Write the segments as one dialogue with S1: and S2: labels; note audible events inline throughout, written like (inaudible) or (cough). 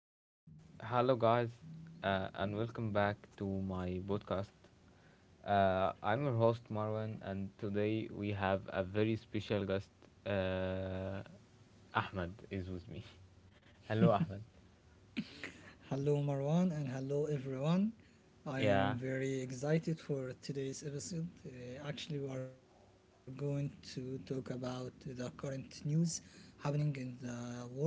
S1: Okay, hello guys, and welcome back to my podcast. I'm your host Marwan, and today we have a very special guest. Uh, Ahmed is with me. (laughs) Hello, Ahmed.
S2: Hello, Marwan, and hello, everyone. I
S1: Yeah.
S2: am very excited for today's episode. Actually, we are going to talk about the current news happening in the world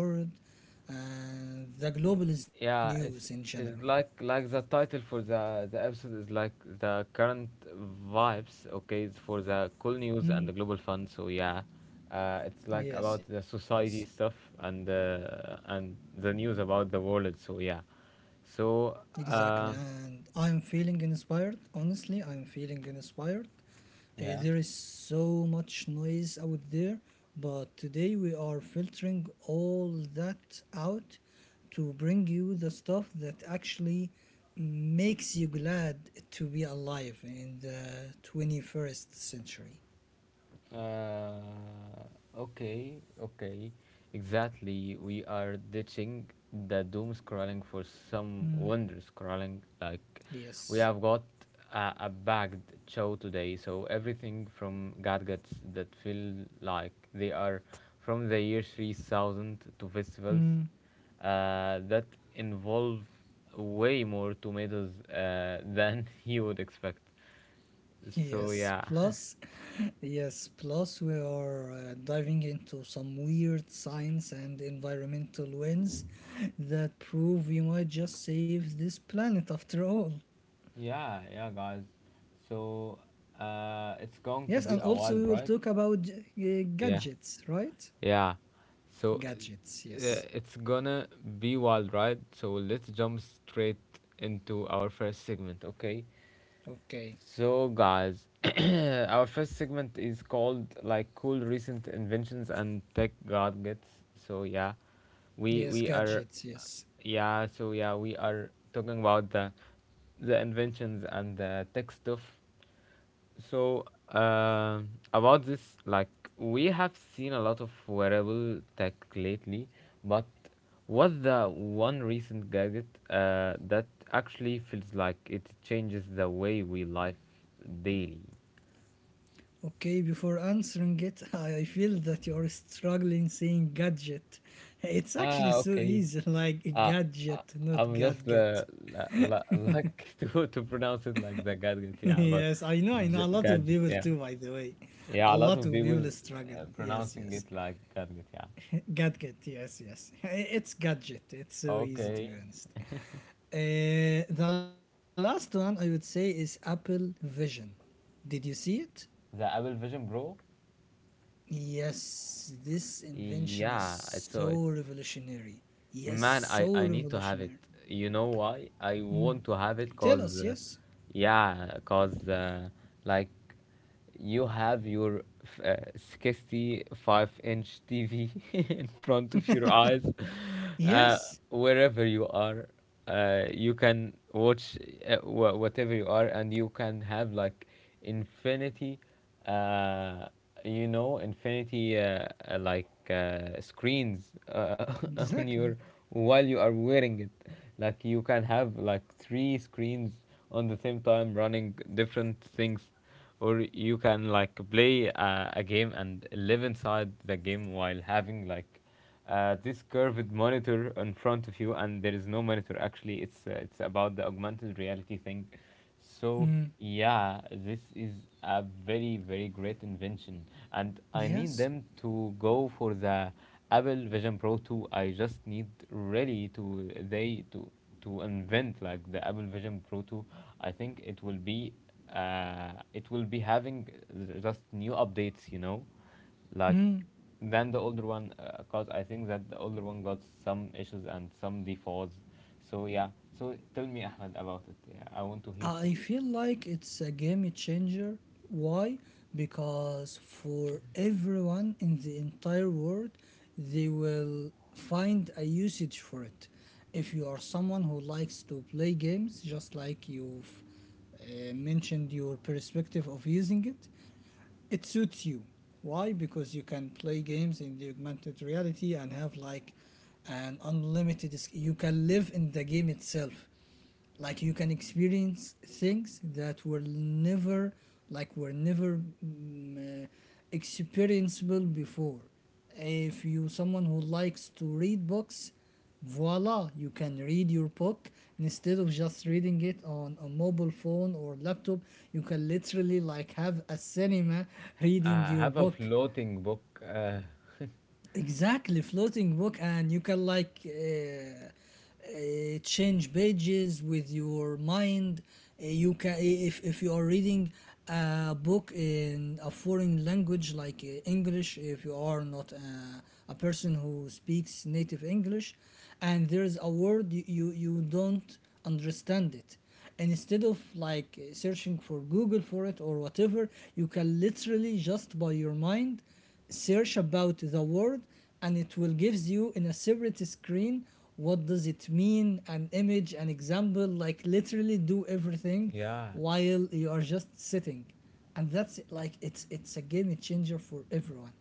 S2: and the globalist news in
S1: Yeah, it's
S2: general.
S1: it's like like the title for the episode is like the current vibes. Okay, it's for the cool
S2: Mm,
S1: news and the global fund. So yeah, it's like
S2: yes,
S1: about
S2: yes,
S1: the society stuff and the news about the world. So yeah, so
S2: exactly.
S1: uh,
S2: And I'm feeling inspired. Honestly, I'm feeling inspired. There
S1: yeah.
S2: is so much noise out there, but today we are filtering all that out to bring you the stuff that actually makes you glad to be alive in the 21st century.
S1: Uh, okay, okay. Exactly. We are ditching the doom scrolling for some
S2: Mm.
S1: wonder scrolling. Like, we
S2: Yes.
S1: have got a bagged show today, so everything from gadgets that feel like they are from the year 3000 to festivals
S2: Hmm.
S1: that involve way more tomatoes than (laughs) you would expect. So,
S2: Yes,
S1: yeah. (laughs)
S2: plus, (laughs) yes, plus we are diving into some weird science and environmental wins that prove we might just save this planet after all.
S1: Yeah, yeah, guys. So it's going to
S2: Yes,
S1: be
S2: and
S1: a
S2: also we
S1: wild
S2: will
S1: ride.
S2: talk about
S1: Yeah,
S2: gadgets, right?
S1: yeah. So
S2: Gadgets, yes.
S1: it's gonna be wild ride. So let's jump straight into our first segment, okay?
S2: Okay.
S1: So, guys, (coughs) (clears throat) our first segment is called like cool recent inventions and tech gadgets. So yeah, we
S2: Yes,
S1: we are
S2: gadgets, yes.
S1: yeah. So yeah, we are talking about the inventions and the tech stuff so about this, like we have seen a lot of wearable tech lately, but what's the one recent gadget that actually feels like it changes the way we live daily?
S2: Okay, before answering it, (laughs) I feel that you are struggling saying gadget. (laughs) It's actually
S1: Ah,
S2: so
S1: okay.
S2: easy, (laughs) like
S1: Uh, uh,
S2: gadget, not
S1: I'm just
S2: gadget.
S1: like (laughs) to pronounce it like the gadget,
S2: (laughs)
S1: yeah, but
S2: Yes, I know, I know. A lot of
S1: gadget,
S2: people
S1: yeah,
S2: too, by the way. A
S1: yeah. A lot
S2: lot
S1: of
S2: of
S1: people
S2: people struggle. Yes,
S1: pronouncing
S2: yes.
S1: it like gadget, yeah.
S2: Gadget, yes, yes. (laughs) It's gadget. It's so easy, to
S1: Okay.
S2: be honest. The last one I would say is Apple Vision. Did you see it?
S1: The Apple Vision Pro?
S2: Yes, this invention is
S1: Yeah, I saw
S2: so
S1: it.
S2: revolutionary. Yes,
S1: Man,
S2: so
S1: I need to have it.
S2: revolutionary.
S1: You know why? I want to have it
S2: Tell
S1: cause,
S2: us, yes.
S1: yeah, cause like you have your 65-inch TV (laughs) in front of your eyes, uh,
S2: Yes,
S1: wherever you are. You can watch whatever you are, and you can have like infinity, uh, you know, infinity screens (laughs) on
S2: exactly.
S1: your while you are wearing it. Like you can have like three screens on the same time running different things or you can like play a game and live inside the game while having like this curved monitor in front of you, and there is no monitor actually. It's about the augmented reality thing, so
S2: Mm,
S1: yeah, this is a very, very great invention, and I need
S2: yes.
S1: them to go for the Apple Vision Pro 2. I just need really to they to invent like the Apple Vision Pro 2. I think it will be having just new updates, you know, like
S2: Mm.
S1: than the older one. Cause I think that the older one got some issues and some defaults. So yeah. So tell me, Ahmed, about it. Yeah, I want to hear from
S2: I
S1: you.
S2: feel like it's a game changer. Why? Because for everyone in the entire world, they will find a usage for it. If you are someone who likes to play games, just like you've mentioned your perspective of using it, it suits you. Why? Because you can play games in the augmented reality and have like an unlimited. You can live in the game itself, like you can experience things that were never like were never experienceable before. If you someone who likes to read books, voila, you can read your book instead of just reading it on a mobile phone or laptop. You can literally like have a cinema reading
S1: I
S2: your
S1: have a
S2: book,
S1: floating book.
S2: exactly, floating book. And you can like change pages with your mind. You can, if you are reading a book in a foreign language like English, if you are not a, a person who speaks native English, and there is a word you don't understand it, and instead of like searching for Google for it or whatever, you can literally just by your mind search about the word, and it will gives you in a separate screen what does it mean, an image, an example, like literally do everything
S1: Yeah,
S2: while you are just sitting. And that's it, like it's a game changer for everyone.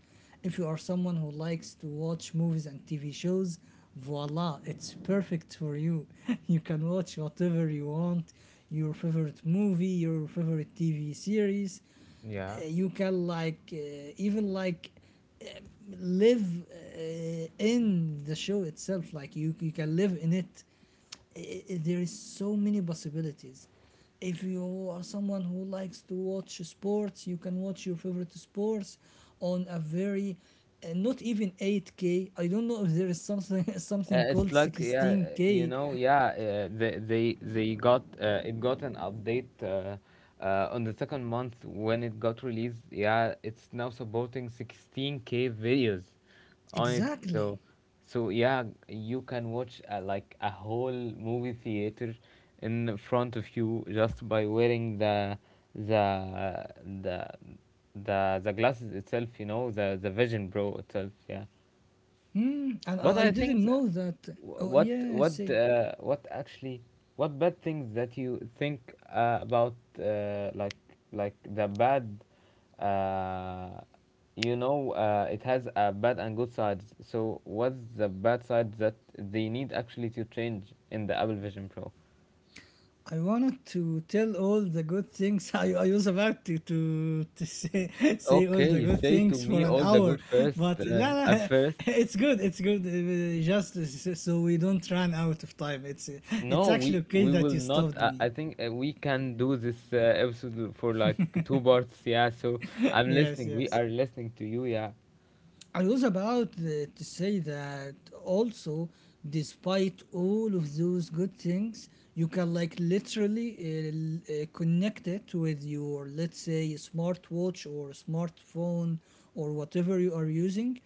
S2: If you are someone who likes to watch movies and TV shows, voila, it's perfect for you. (laughs) You can watch whatever you want, your favorite movie, your favorite TV series. Uh,
S1: yeah.
S2: you can like even like live in the show itself, like you can live in it. There is so many possibilities. If you are someone who likes to watch sports, you can watch your favorite sports on a very not even 8K, I don't know if there is something (laughs) something
S1: It's
S2: called
S1: like, yeah, you
S2: 16K.
S1: know, yeah, they got it got an update on the second month when it got released. Yeah, it's now supporting 16K videos on it. So,
S2: Exactly.
S1: so yeah, you can watch like a whole movie theater in front of you just by wearing the the the glasses itself, you know, the Vision Pro itself, yeah.
S2: Hmm, and
S1: But
S2: I
S1: I think
S2: didn't know that.
S1: wh-
S2: Oh
S1: what
S2: yeah.
S1: what
S2: See.
S1: uh, what actually, what bad things that you think about uh, like like the bad uh, you know, it has a bad and good sides, so what's the bad side that they need actually to change in the Apple Vision Pro?
S2: I wanted to tell all the good things. (laughs) I was about to say, (laughs) say all
S1: Okay,
S2: the
S1: you
S2: good
S1: say
S2: things
S1: to
S2: for
S1: me
S2: an
S1: all the
S2: hour,
S1: good first
S2: but لا,
S1: at
S2: لا,
S1: first.
S2: (laughs) it's good. It's good. Just so we don't run out of time. It's
S1: No,
S2: actually okay
S1: we
S2: that
S1: will
S2: you
S1: not.
S2: stopped me.
S1: I think we can do this episode for like two parts. Yeah, so
S2: (laughs)
S1: I'm
S2: Yes,
S1: listening. We
S2: yes.
S1: are listening to you. Yeah,
S2: I was about to say that also, despite all of those good things, you can like literally connect it with your, let's say, smartwatch or smartphone or whatever you are using.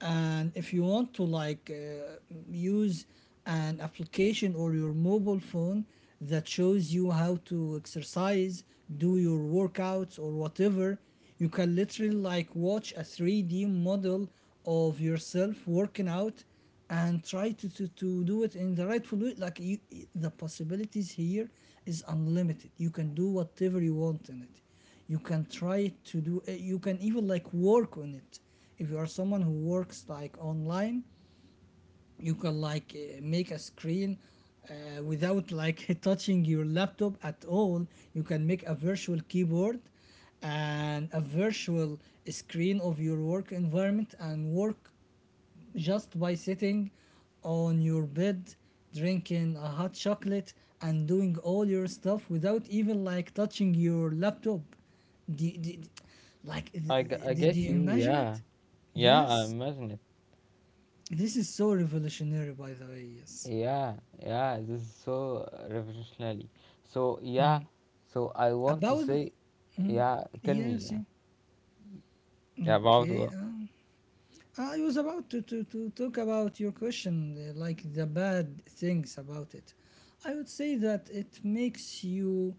S2: And if you want to like use an application or your mobile phone that shows you how to exercise, do your workouts or whatever, you can literally like watch a 3D model of yourself working out and try to do it in the rightful way. Like you, the possibilities here is unlimited. You can do whatever you want in it. You can try to do you can even like work on it. If you are someone who works like online, you can like make a screen without like (laughs) touching your laptop at all. You can make a virtual keyboard and a virtual screen of your work environment and work just by sitting on your bed, drinking a hot chocolate, and doing all your stuff without even like touching your laptop. Do, do, like
S1: I
S2: did
S1: guess
S2: you
S1: you.
S2: imagine
S1: Yeah,
S2: it?
S1: yeah. I
S2: Yes,
S1: imagine it.
S2: this is so revolutionary, by the way, yes.
S1: Yeah, yeah. This is so revolutionary. So yeah, so I want to
S2: About,
S1: say, yeah. Tell me.
S2: yes,
S1: Yeah,
S2: yeah.
S1: yeah, about
S2: Okay,
S1: what?
S2: I was about to talk about your question, like the bad things about it. I would say that it makes you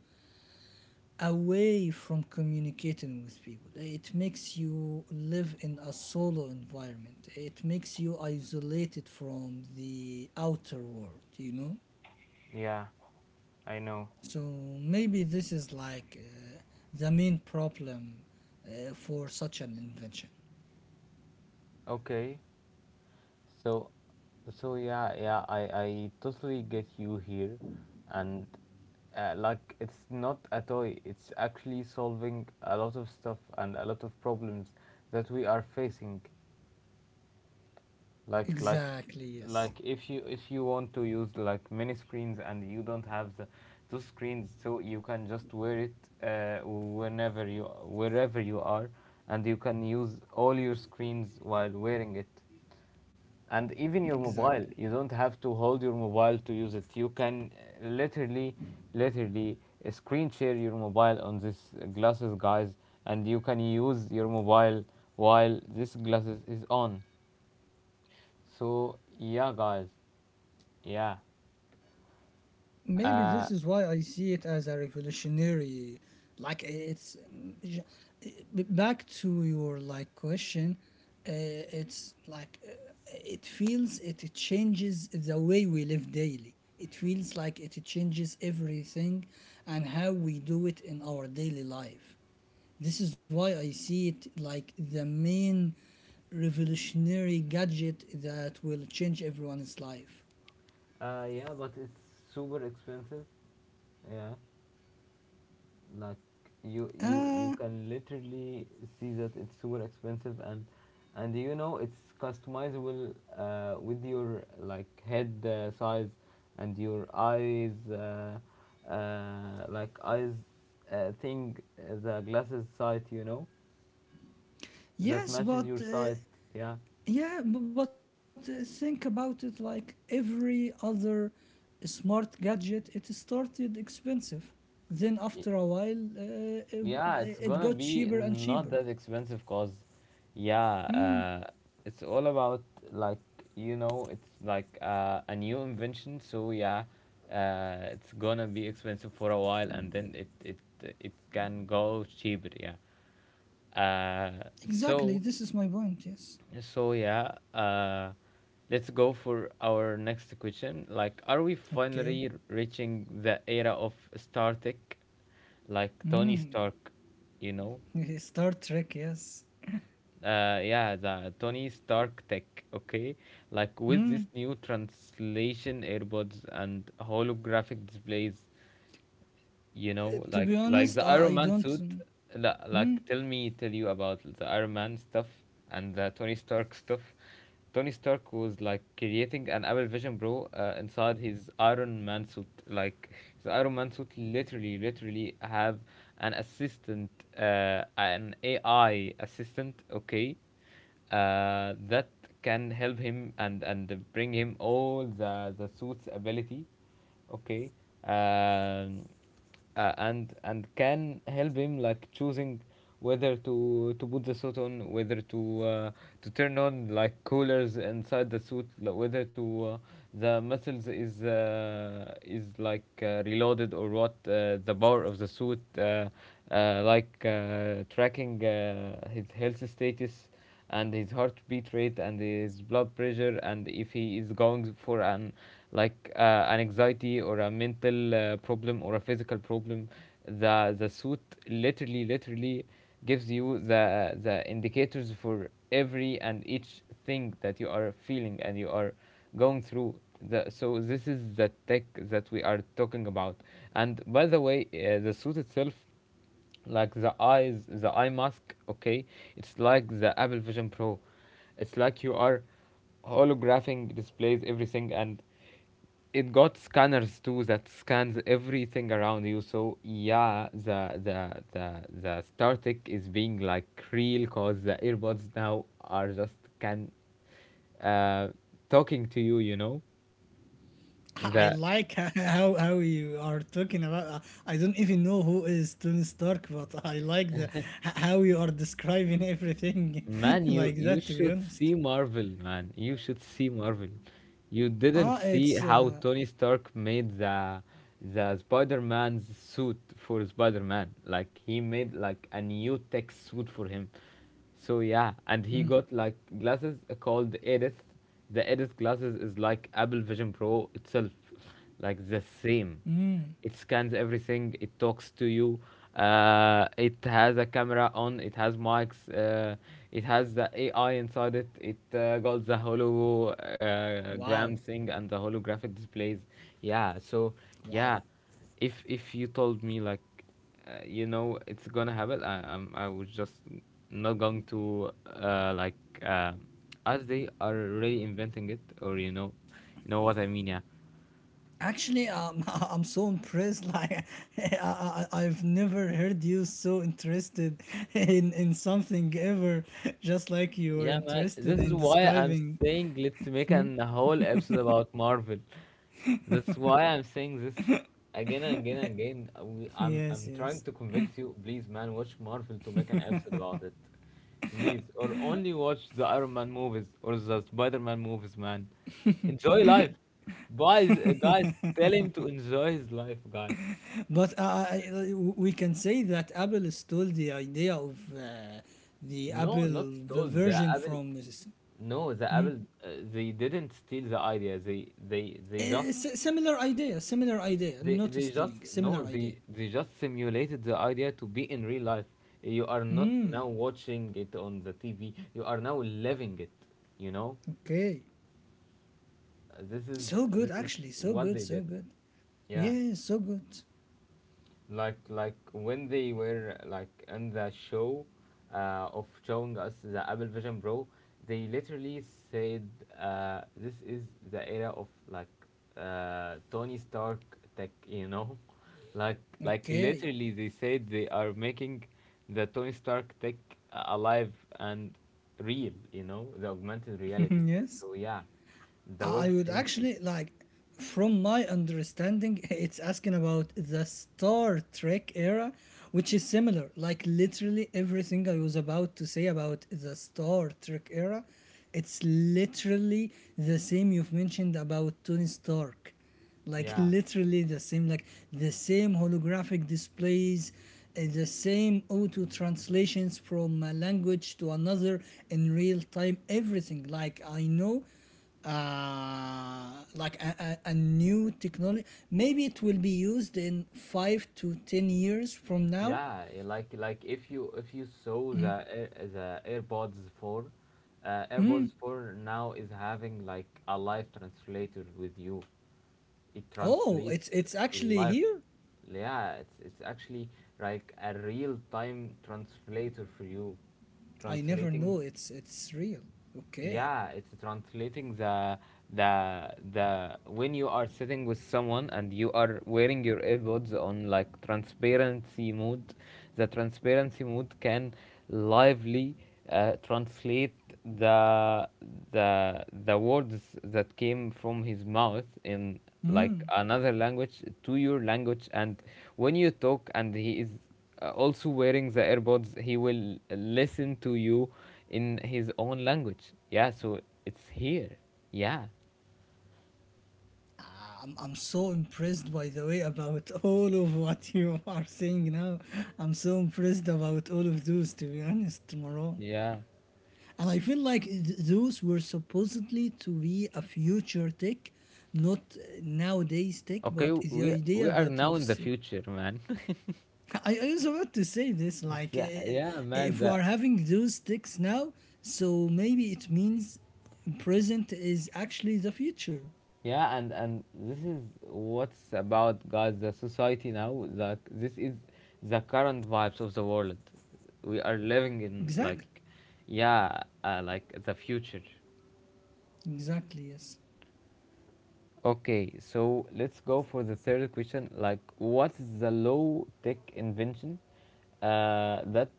S2: away from communicating with people. It makes you live in a solo environment. It makes you isolated from the outer world, you know?
S1: Yeah, I know.
S2: So maybe this is like the main problem for such an invention.
S1: Okay. So, so yeah, yeah, I totally get you here, and like it's not a toy. It's actually solving a lot of stuff and a lot of problems that we are facing. Like, like,
S2: Exactly, yes.
S1: like if you want to use like mini screens and you don't have the those screens, so you can just wear it whenever you wherever you are, and you can use all your screens while wearing it. And even your mobile,
S2: Exactly.
S1: you don't have to hold your mobile to use it. You can uh, literally literally screen share your mobile on this glasses, guys, and you can use your mobile while this glasses is on. So yeah, guys, yeah.
S2: Maybe this is
S1: uh,
S2: why I see it as a revolutionary. Like it's j- Back to your like question. Uh, it's like uh, it feels it changes the way we live daily. It feels like it changes everything and how we do it in our daily life. This is why I see it like the main revolutionary gadget that will change everyone's life.
S1: yeah, but it's super expensive, yeah. Like, you
S2: Uh,
S1: can literally see that it's super expensive, and you know it's customizable with your like head size and your eyes eyes thing, the glasses sight, you know, that
S2: yes,
S1: matches
S2: but
S1: your sight, yeah.
S2: Yeah, b- but think about it, like every other smart gadget, it started expensive. Then, after a while,
S1: Yeah, it's
S2: it got
S1: gonna be
S2: cheaper and cheaper.
S1: not that expensive cause yeah, uh, it's all about like, you know, it's like a new invention, so yeah, it's gonna be expensive for a while, and then it can go cheaper, yeah. Uh,
S2: Exactly, this
S1: so
S2: is my point, yes.
S1: so yeah, let's go for our next question. Like, are we
S2: Okay.
S1: finally reaching the era of Star Tech, like Tony Stark, you know?
S2: (laughs) Star Trek, yes.
S1: Yeah, the Tony Stark tech, okay, like with
S2: Hmm.
S1: this new translation AirPods and holographic displays, you know,
S2: To be
S1: like
S2: honest,
S1: the
S2: I,
S1: Iron
S2: I
S1: Man suit.
S2: don't. Hmm?
S1: Like, tell me, tell you about the Iron Man stuff and the Tony Stark stuff. Tony Stark was like creating an Apple Vision Pro inside his Iron Man suit. Like the Iron Man suit literally, literally have an assistant, an AI assistant, okay, that can help him and bring him all the suit's ability, okay. um and can help him like choosing whether to put the suit on, whether to turn on like coolers inside the suit, like whether to the muscles is like reloaded, or what the power of the suit tracking his health status and his heartbeat rate and his blood pressure, and if he is going for an like an anxiety or a mental problem or a physical problem, the suit literally, literally gives you the indicators for every and each thing that you are feeling and you are going through. So this is the tech that we are talking about. And by the way, the suit itself, like the eyes, the eye mask, okay, it's like the Apple Vision Pro. It's like you are holographing displays everything, and it got scanners too that scans everything around you. So yeah, the StarTech is being like real, cause the earbuds now are just can uh talking to you, you know,
S2: I
S1: the
S2: like (laughs) how you are talking about. I don't even know who is Tony Stark, but I like the how you are describing everything
S1: Man,
S2: (laughs)
S1: you
S2: like
S1: you
S2: that. To be
S1: should
S2: honest,
S1: see Marvel, man. You should see Marvel. You didn't
S2: ah,
S1: see
S2: it's
S1: how Tony Stark made the Spider-Man's suit for Spider-Man. Like he made like a new tech suit for him. So yeah, and he got like glasses called Edith. The Edith glasses is like Apple Vision Pro itself, like the same. It scans everything, it talks to you. It has a camera on, it has mics. It has the AI inside it. It got the
S2: wow,
S1: hologram thing and the holographic displays, yeah. So
S2: wow.
S1: yeah, if you told me like you know it's gonna happen, I was just not going to uh, like uh, as they are really inventing it, or you know, you know what I mean, yeah.
S2: Actually, (laughs) I'm so impressed. Like, (laughs) I've never heard you so interested (laughs) in something ever, (laughs) just like you were
S1: Yeah, man. This
S2: interested
S1: is
S2: in
S1: why I'm
S2: describing. (laughs)
S1: saying let's make an whole episode about Marvel. That's why I'm saying this again and again and again.
S2: Yes,
S1: I'm trying
S2: yes.
S1: to convince you, please, man, watch Marvel to make an episode about it, please, or only watch the Iron Man movies or the Spider-Man movies, man. Enjoy life, guys. Guys, tell him to enjoy his life, guys.
S2: But we can say that Apple stole the idea of
S1: No, not stole the
S2: Version
S1: Apple.
S2: from
S1: No, the Apple. They didn't steal the idea. They just
S2: similar idea, not
S1: They just
S2: stealing,
S1: no
S2: similar idea.
S1: they they just simulated the idea to be in real life. You are not now watching it on the TV. You are now living it. You know,
S2: Okay,
S1: Uh, this is
S2: so good
S1: this is
S2: actually, so
S1: what
S2: good,
S1: they
S2: so
S1: did.
S2: good.
S1: Yeah.
S2: Yeah, so good.
S1: Like when they were like in the show of showing us the Apple Vision Pro, they literally said this is the era of like Tony Stark tech, you know, (laughs) like
S2: Okay,
S1: literally they said they are making the Tony Stark tech alive and real, you know, the augmented reality
S2: (laughs)
S1: thing.
S2: yes.
S1: So yeah, the Web
S2: I would
S1: three thing.
S2: actually like, from my understanding, (laughs) it's asking about the Star Trek era, which is similar. Like, literally everything I was about to say about the Star Trek era, it's literally the same you've mentioned about Tony Stark, like
S1: Yeah.
S2: literally the same, like the same holographic displays, the same auto translations from a language to another in real time, everything. Like I know like a new technology, maybe it will be used in 5 to 10 years from now.
S1: Yeah, like if you saw the AirPods 4, AirPods 4 now is having like a live translator with you. It
S2: Oh,
S1: translates
S2: it's actually
S1: lively.
S2: here.
S1: Yeah, it's actually like a real time translator for you,
S2: I never know
S1: translating.
S2: it's real. Okay.
S1: Yeah, it's translating the when you are sitting with someone and you are wearing your earbuds on like transparency mode, the transparency mode can lively translate the the words that came from his mouth in like
S2: Hmm.
S1: another language to your language. And when you talk and he is also wearing the AirPods, he will listen to you in his own language. Yeah, so it's here. Yeah.
S2: I'm so impressed, by the way, about all of what you are saying now. I'm so impressed about all of those, to be honest, Maron.
S1: Yeah,
S2: And I feel like those were supposedly to be a future tech, not nowadays tech,
S1: okay,
S2: but the
S1: we
S2: idea
S1: are
S2: that
S1: now
S2: you've
S1: in the
S2: said.
S1: future, man. (laughs)
S2: (laughs) I was about to say this, like,
S1: Tha- yeah man,
S2: if we are
S1: that.
S2: having those ticks now, so maybe it means present is actually the future.
S1: Yeah, and this is what's about, guys, the society now, that this is the current vibes of the world we are living in.
S2: Exactly.
S1: Like, yeah, like the future.
S2: Exactly, yes.
S1: Okay, so let's go for the third question. Like, what is the low tech invention uh, that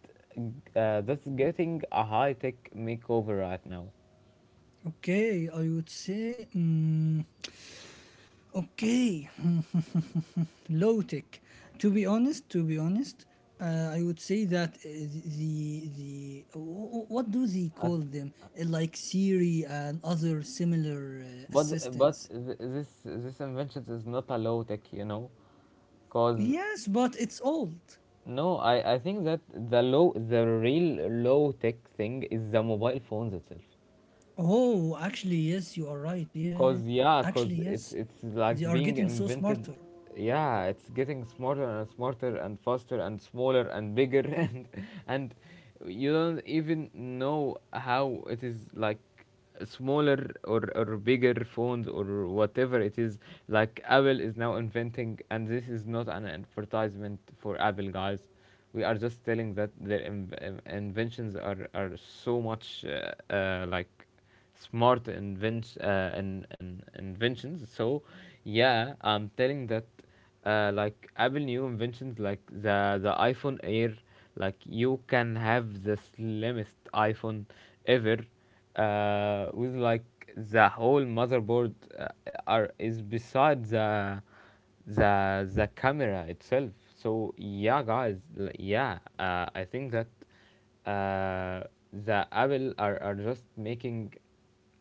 S1: that's getting a high tech makeover right now?
S2: Okay, I would say, okay, (laughs) low tech. To be honest, I would say that the what do they
S1: At,
S2: call them? Like Siri and other similar
S1: but
S2: assistants.
S1: this invention is not a low tech, you know, cause
S2: Yes, but it's old.
S1: no, I think that the low the real low tech thing is the mobile phones itself.
S2: Oh, actually, yes, you are right. Yeah,
S1: Cause yeah,
S2: actually,
S1: cause it's
S2: yes,
S1: it's like
S2: they are
S1: being
S2: getting so
S1: invented.
S2: smarter.
S1: Yeah, it's getting smarter and smarter and faster and smaller and bigger (laughs) and you don't even know how it is, like smaller or bigger phones or whatever it is. Like Apple is now inventing, and this is not an advertisement for Apple, guys. We are just telling that their inventions are so much like smart invention inventions. So yeah, I'm telling that like Apple new inventions like the iPhone Air. Like you can have the slimmest iPhone ever, with like the whole motherboard are is beside the camera itself. So yeah, guys, I think that uh, the Apple are just making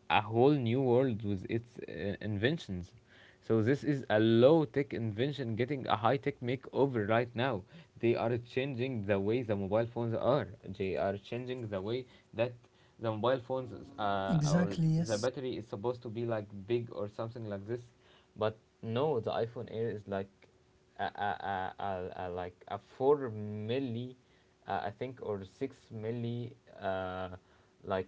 S1: a whole new world with its inventions. So this is a low tech invention getting a high tech makeover right now. They are changing the way the mobile phones are. They are changing the way that the mobile phones is, or
S2: Exactly,
S1: the
S2: yes.
S1: battery is supposed to be like big or something like this. But no, the iPhone Air is uh, uh, uh, uh, like a four milli, I think, or six milli, uh, like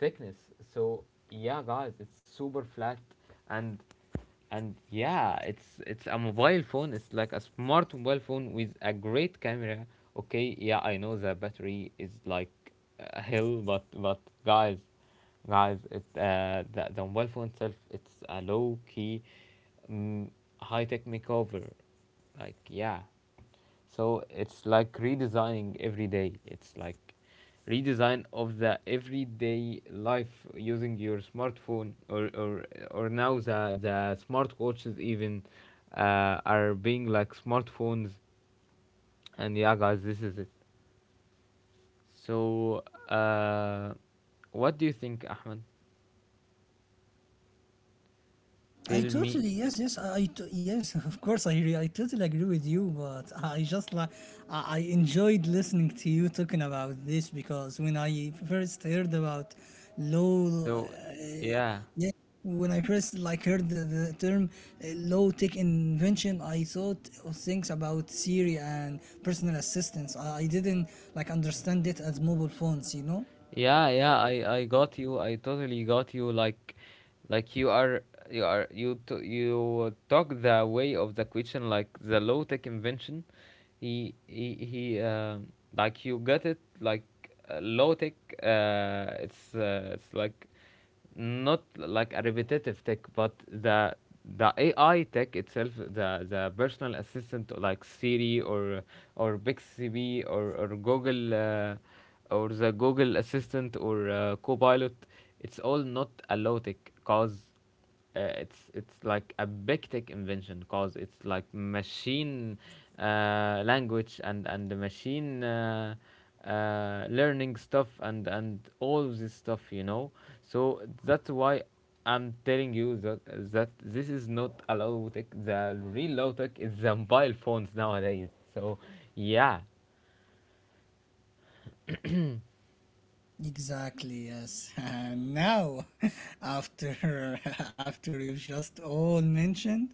S1: thickness. So yeah, guys, it's super flat, and and yeah, it's a mobile phone. It's like a smart mobile phone with a great camera. Okay, yeah, I know the battery is like a hell, but guys. Guys, it the mobile phone itself, it's a low key, mm, high tech makeover. Like, yeah. So it's like redesigning every day. It's like redesign of the everyday life using your smartphone or now the smartwatches even are being like smartphones. And yeah, guys, this is it. So, uh, what do you think, Ahmed?
S2: I
S1: Tell me.
S2: totally yes yes yes, (laughs) of course I totally agree with you, but I just like I enjoyed listening to you talking about this, because when I first heard about low
S1: So, yeah,
S2: when I first like heard the term low tech invention, I thought of things about Siri and personal assistants. I didn't like understand it as mobile phones, you know.
S1: yeah, yeah. I got you. I totally got you. Like you are you talk the way of the question like the low tech invention, he like you get it. Like low tech. It's like not like a repetitive tech, but the AI tech itself, the personal assistant like Siri or Bixby or Google or the Google Assistant or Copilot, it's all not a low tech cause it's like a big tech invention, cause it's like machine language and the machine learning stuff and all this stuff, you know. So that's why I'm telling you that this is not a low tech. The real low tech is the mobile phones nowadays. So yeah.
S2: Exactly, yes. (laughs) And now, (laughs) after (laughs) after you've just all mentioned,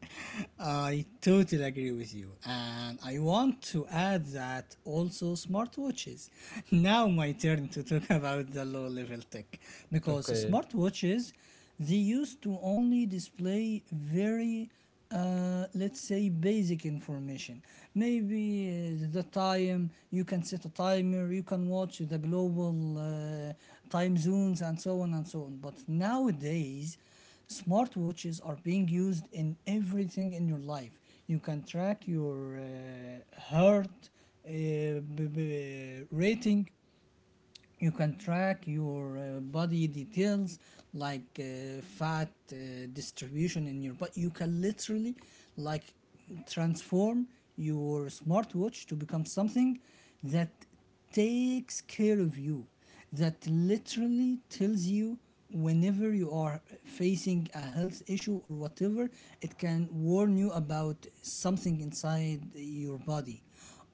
S2: I totally agree with you. And I want to add that also smartwatches. (laughs) Now my turn to talk (laughs) about the low level tech because
S1: Okay.
S2: smartwatches they used to only display very let's say basic information maybe the time, you can set a timer, you can watch the global time zones and so on and so on. But nowadays smartwatches are being used in everything in your life. You can track your heart uh, rating, you can track your body details like fat distribution in your body. You can literally like transform your smartwatch to become something that takes care of you, that literally tells you whenever you are facing a health issue or whatever. It can warn you about something inside your body.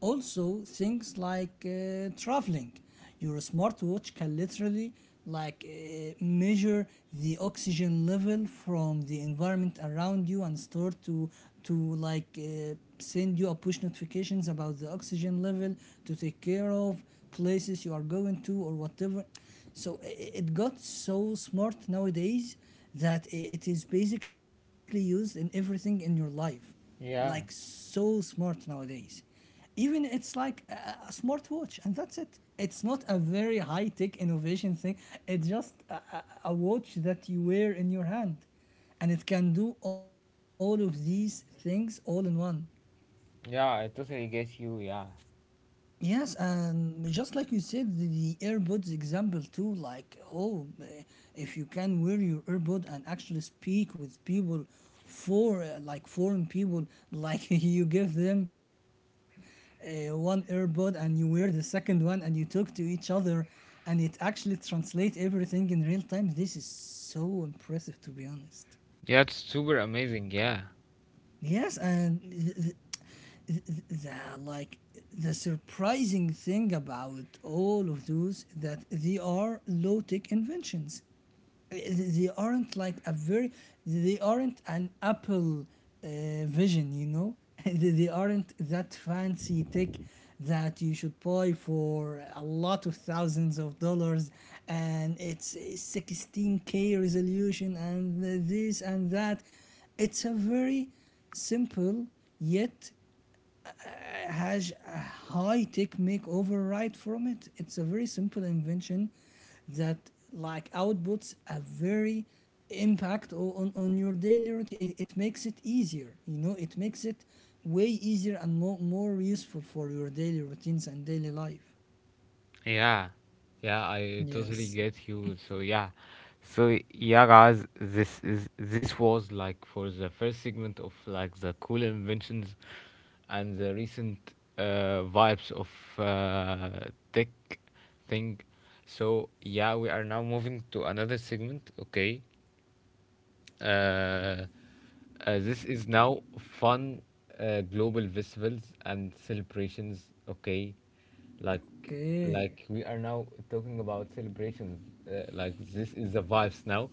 S2: Also, things like traveling. Your smartwatch can literally like measure the oxygen level from the environment around you and start to to send you a push notifications about the oxygen level to take care of places you are going to or whatever. So it got so smart nowadays that it is basically used in everything in your life, like
S1: Yeah,
S2: so smart nowadays, even it's like a smartwatch and that's it. It's not a very high tech innovation thing, it's just a watch that you wear in your hand and it can do all of these things all in one.
S1: yeah, I totally get you. Yeah.
S2: Yes, and just like you said, the earbuds example too, like, oh, if you can wear your earbud and actually speak with people, for like foreign people, like (laughs) you give them one earbud and you wear the second one and you talk to each other and it actually translates everything in real time. This is so impressive, to be honest.
S1: Yeah, it's super amazing, yeah.
S2: And the like the surprising thing about all of those that they are low tech inventions. Uh, They aren't like a very, they aren't an Apple uh, Vision, you know. (laughs) They aren't that fancy tech that you should buy for a lot of thousands of dollars, and it's 16K resolution and this and that. It's a very simple yet has a high tech makeover right from it. It's a very simple invention that like outputs a very impact on your daily routine. It makes it easier, you know, it makes it way easier and more useful for your daily routines and daily life.
S1: Yeah, yeah, I totally
S2: Yes.
S1: get you. So yeah, so yeah, guys, this is, this was like for the first segment of like the cool inventions and the recent vibes of uh, tech thing. So yeah, we are now moving to another segment. Okay, uh, this is now fun global festivals and celebrations. Okay, like
S2: Okay.
S1: like we are now talking about celebrations. Like this is the vibes now.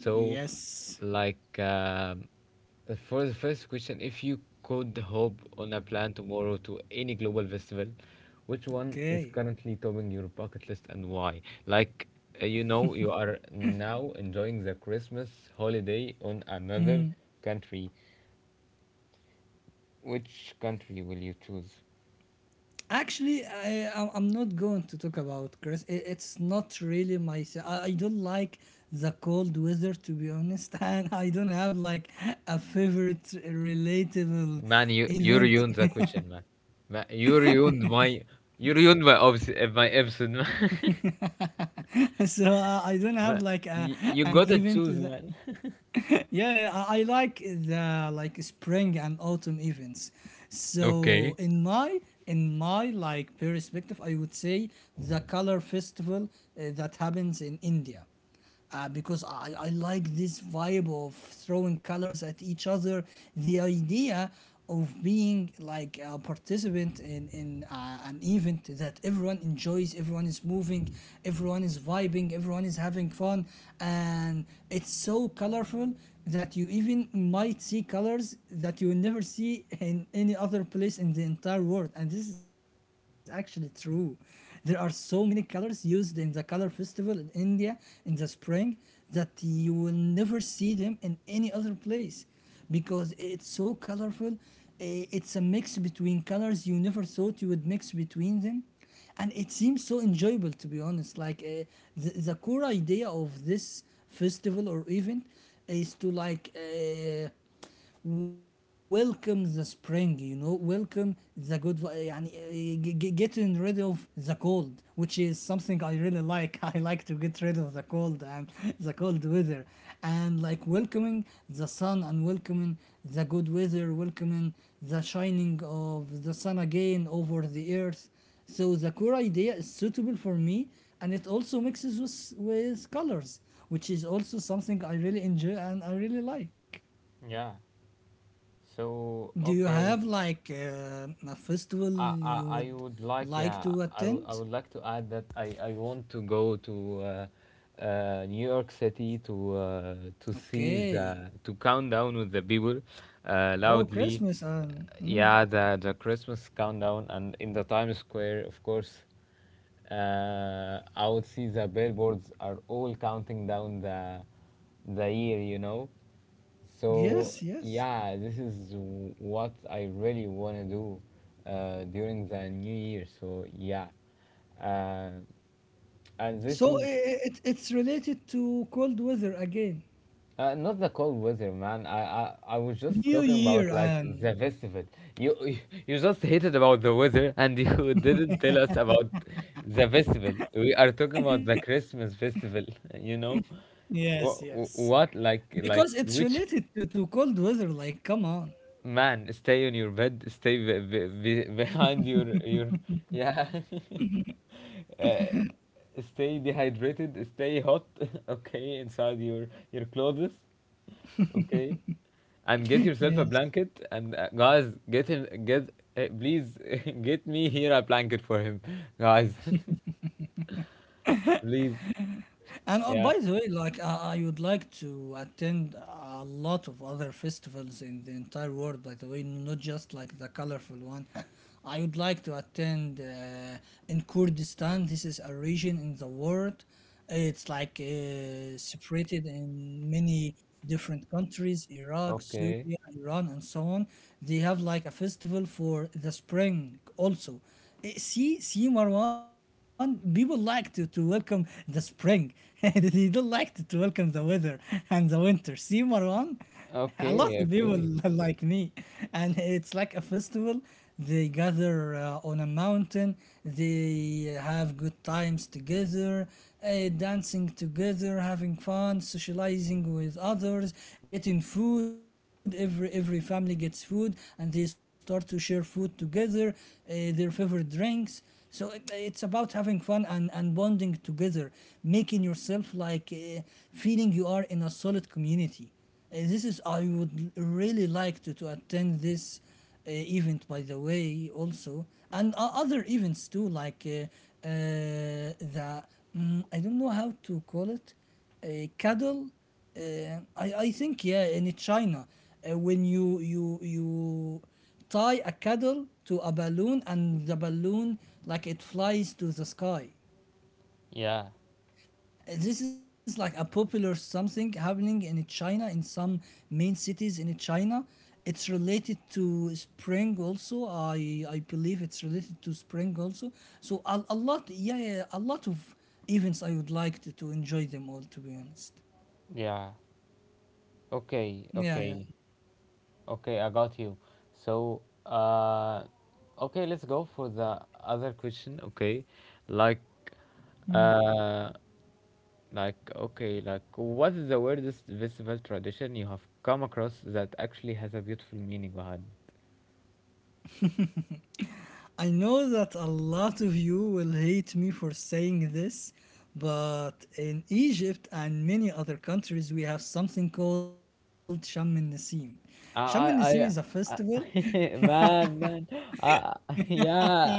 S1: So
S2: Yes.
S1: like. For the first question, if you could hop on a plane tomorrow to any global festival, which one is
S2: Okay.
S1: currently topping your bucket list and why? Like, you know, you are now enjoying the Christmas holiday on another
S2: Hmm.
S1: country. Which country will you choose?
S2: Actually, I'm not going to talk about Chris. It's not really my. S- I don't like the cold weather, to be honest, (laughs) and I don't have like a favorite relatable
S1: Man, you
S2: event.
S1: ruined the
S2: (laughs)
S1: question, man. Man, you ruined my, you ruined my my episode, man.
S2: So I don't
S1: (laughs) Man,
S2: have like
S1: you
S2: an
S1: gotta
S2: event.
S1: choose,
S2: That,
S1: man. (laughs)
S2: (laughs) yeah, I like the like spring and autumn events.
S1: Okay.
S2: So in my like perspective, I would say the color festival that happens in India, because I like this vibe of throwing colors at each other. The idea of being like a participant in an event that everyone enjoys, everyone is moving, everyone is vibing, everyone is having fun, and it's so colorful that you even might see colors that you will never see in any other place in the entire world. And this is actually true. There are so many colors used in the color festival in India in the spring that you will never see them in any other place because it's so colorful. Eh, it's a mix between colors you never thought you would mix between them. And it seems so enjoyable, to be honest. Like the core idea of this festival or event is to like. Welcome the spring, you know, welcome the good يعني getting rid of the cold, which is something I really like. (laughs) I like to get rid of the cold and (laughs) the cold weather and like welcoming the sun and welcoming the good weather, welcoming the shining of the sun again over the earth. So the core idea is suitable for me, and it also mixes with colors, which is also something I really enjoy and I really like.
S1: Yeah. So,
S2: Do you have
S1: okay.
S2: like a festival
S1: I
S2: you
S1: I
S2: would
S1: would like,
S2: like
S1: yeah,
S2: to
S1: I would
S2: attend?
S1: like to add that I want to go to New York City to see
S2: Okay.
S1: the to countdown with the people,
S2: Oh,
S1: loudly.
S2: Christmas and mm,
S1: Yeah, the Christmas countdown and in the Times Square, of course. Uh, I would see the billboards are all counting down the year, you know. So
S2: yes, yes.
S1: yeah, this is what I really want to do during the new year. So yeah, uh, and this
S2: So
S1: is
S2: it, it's related to cold weather again.
S1: not the cold weather, man. I, I was just
S2: New
S1: talking
S2: Year
S1: about like
S2: and
S1: the festival. You (laughs) you just hated about the weather, and you (laughs) didn't tell us about the festival. We are talking about the Christmas festival. (laughs) You know,
S2: yes,
S1: what
S2: yes.
S1: what like
S2: Because it's
S1: which.
S2: related to cold weather, like come on.
S1: Man, stay on your bed. Stay behind your yeah. (laughs) uh, Stay dehydrated. Stay hot. (laughs) Okay, inside your clothes. Okay, and get
S2: (laughs)
S1: yourself a
S2: Yes.
S1: blanket. And guys, get him. Get please (laughs) get me here a blanket for him, guys. (laughs) Please.
S2: And
S1: Yeah.
S2: by the way, like I would like to attend a lot of other festivals in the entire world. By the way, not just like the colorful one. (laughs) I would like to attend in Kurdistan. This is a region in the world. It's like separated in many different countries: Iraq,
S1: Okay.
S2: Syria, Iran, and so on. They have like a festival for the spring also. See, see, Marwan, people like to welcome the spring. (laughs) They don't like to welcome the weather (laughs) and the winter. See, Marwan, a lot of
S1: Okay.
S2: people
S1: Okay.
S2: (laughs) like me. And it's like a festival. They gather on a mountain, they have good times together, dancing together, having fun, socializing with others, getting food. Every family gets food, and they start to share food together, their favorite drinks. So it, it's about having fun and bonding together, making yourself like feeling you are in a solid community. This is I would really like to attend this event by the way, also, and other events too, like the mm, I don't know how to call it, uh, cattle, I think yeah, in China, when you tie a cattle to a balloon and the balloon like it flies to the sky.
S1: Yeah.
S2: This is like a popular something happening in China in some main cities in China. It's related to spring also. I believe it's related to spring also. So a lot, yeah, yeah, a lot of events I would like to enjoy them all, to be honest.
S1: Yeah. Okay.
S2: Yeah,
S1: Okay.
S2: yeah.
S1: Okay, I got you. So, okay, let's go for the other question. Okay, like, uh, like, okay, like, what is the weirdest festival tradition you have come across that actually has a beautiful meaning behind it?
S2: I know that a lot of you will hate me for saying this, but in Egypt and many other countries, we have something called Sham el Nasim. Sham el
S1: I,
S2: Nasim is a
S1: I,
S2: festival.
S1: I, I (laughs) man, man, I, (laughs) yeah.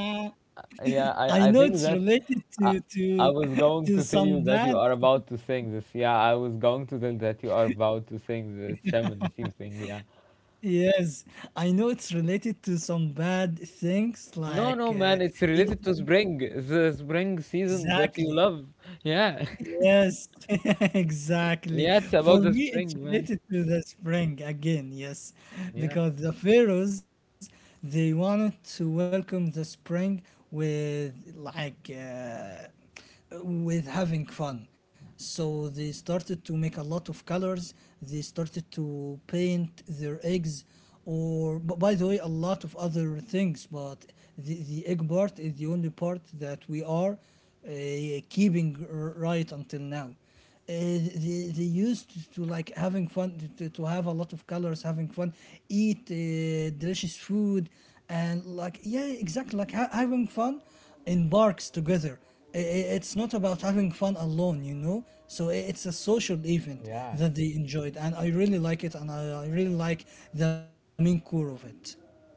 S1: Yeah,
S2: I know
S1: I
S2: it's
S1: think that
S2: related
S1: I,
S2: to
S1: I was
S2: (laughs) to
S1: going to tell
S2: some
S1: you
S2: bad.
S1: that you are about to sing this. Yeah, I was going to tell that you are about to sing the Shaman Nassim thing. Yeah.
S2: Yes, I know it's related to some bad things
S1: No,
S2: like
S1: no, man, it's related to
S2: eating.
S1: spring, the spring season that you
S2: Exactly.
S1: love. Yeah. (laughs)
S2: Yes, (laughs) exactly.
S1: Yeah, it's
S2: For
S1: about the
S2: me, it's
S1: spring, man.
S2: related to the spring again, yes,
S1: Yeah.
S2: because the pharaohs they wanted to welcome the spring with like with having fun. So they started to make a lot of colors. They started to paint their eggs or but by the way a lot of other things but the egg part is the only part that we are uh, keeping right until now. Uh, they used to like having fun to have a lot of colors, having fun, eat delicious food and like, yeah, exactly like having fun embarks together. It's not about having fun alone, you know? So it's a social event
S1: Yeah,
S2: that they enjoyed, and I really like it, and I really like the main core of it.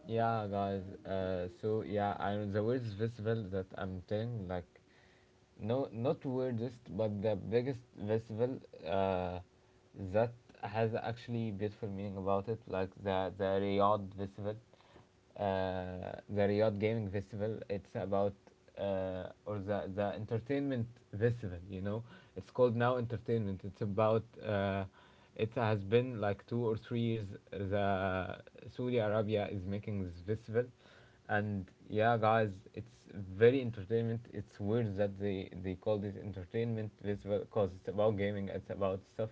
S1: yeah, guys. So yeah, I know the words festival that I'm telling, like no, not weirdest but the biggest festival uh, that has actually beautiful meaning about it, like the Riyadh festival, uh, the Riyadh Gaming Festival. It's about or the entertainment festival, you know. It's called now entertainment. It's about it has been like 2 or 3 years the Saudi Arabia is making this festival. And yeah, guys, it's very entertainment. It's weird that they call this entertainment, because it's about gaming, it's about stuff.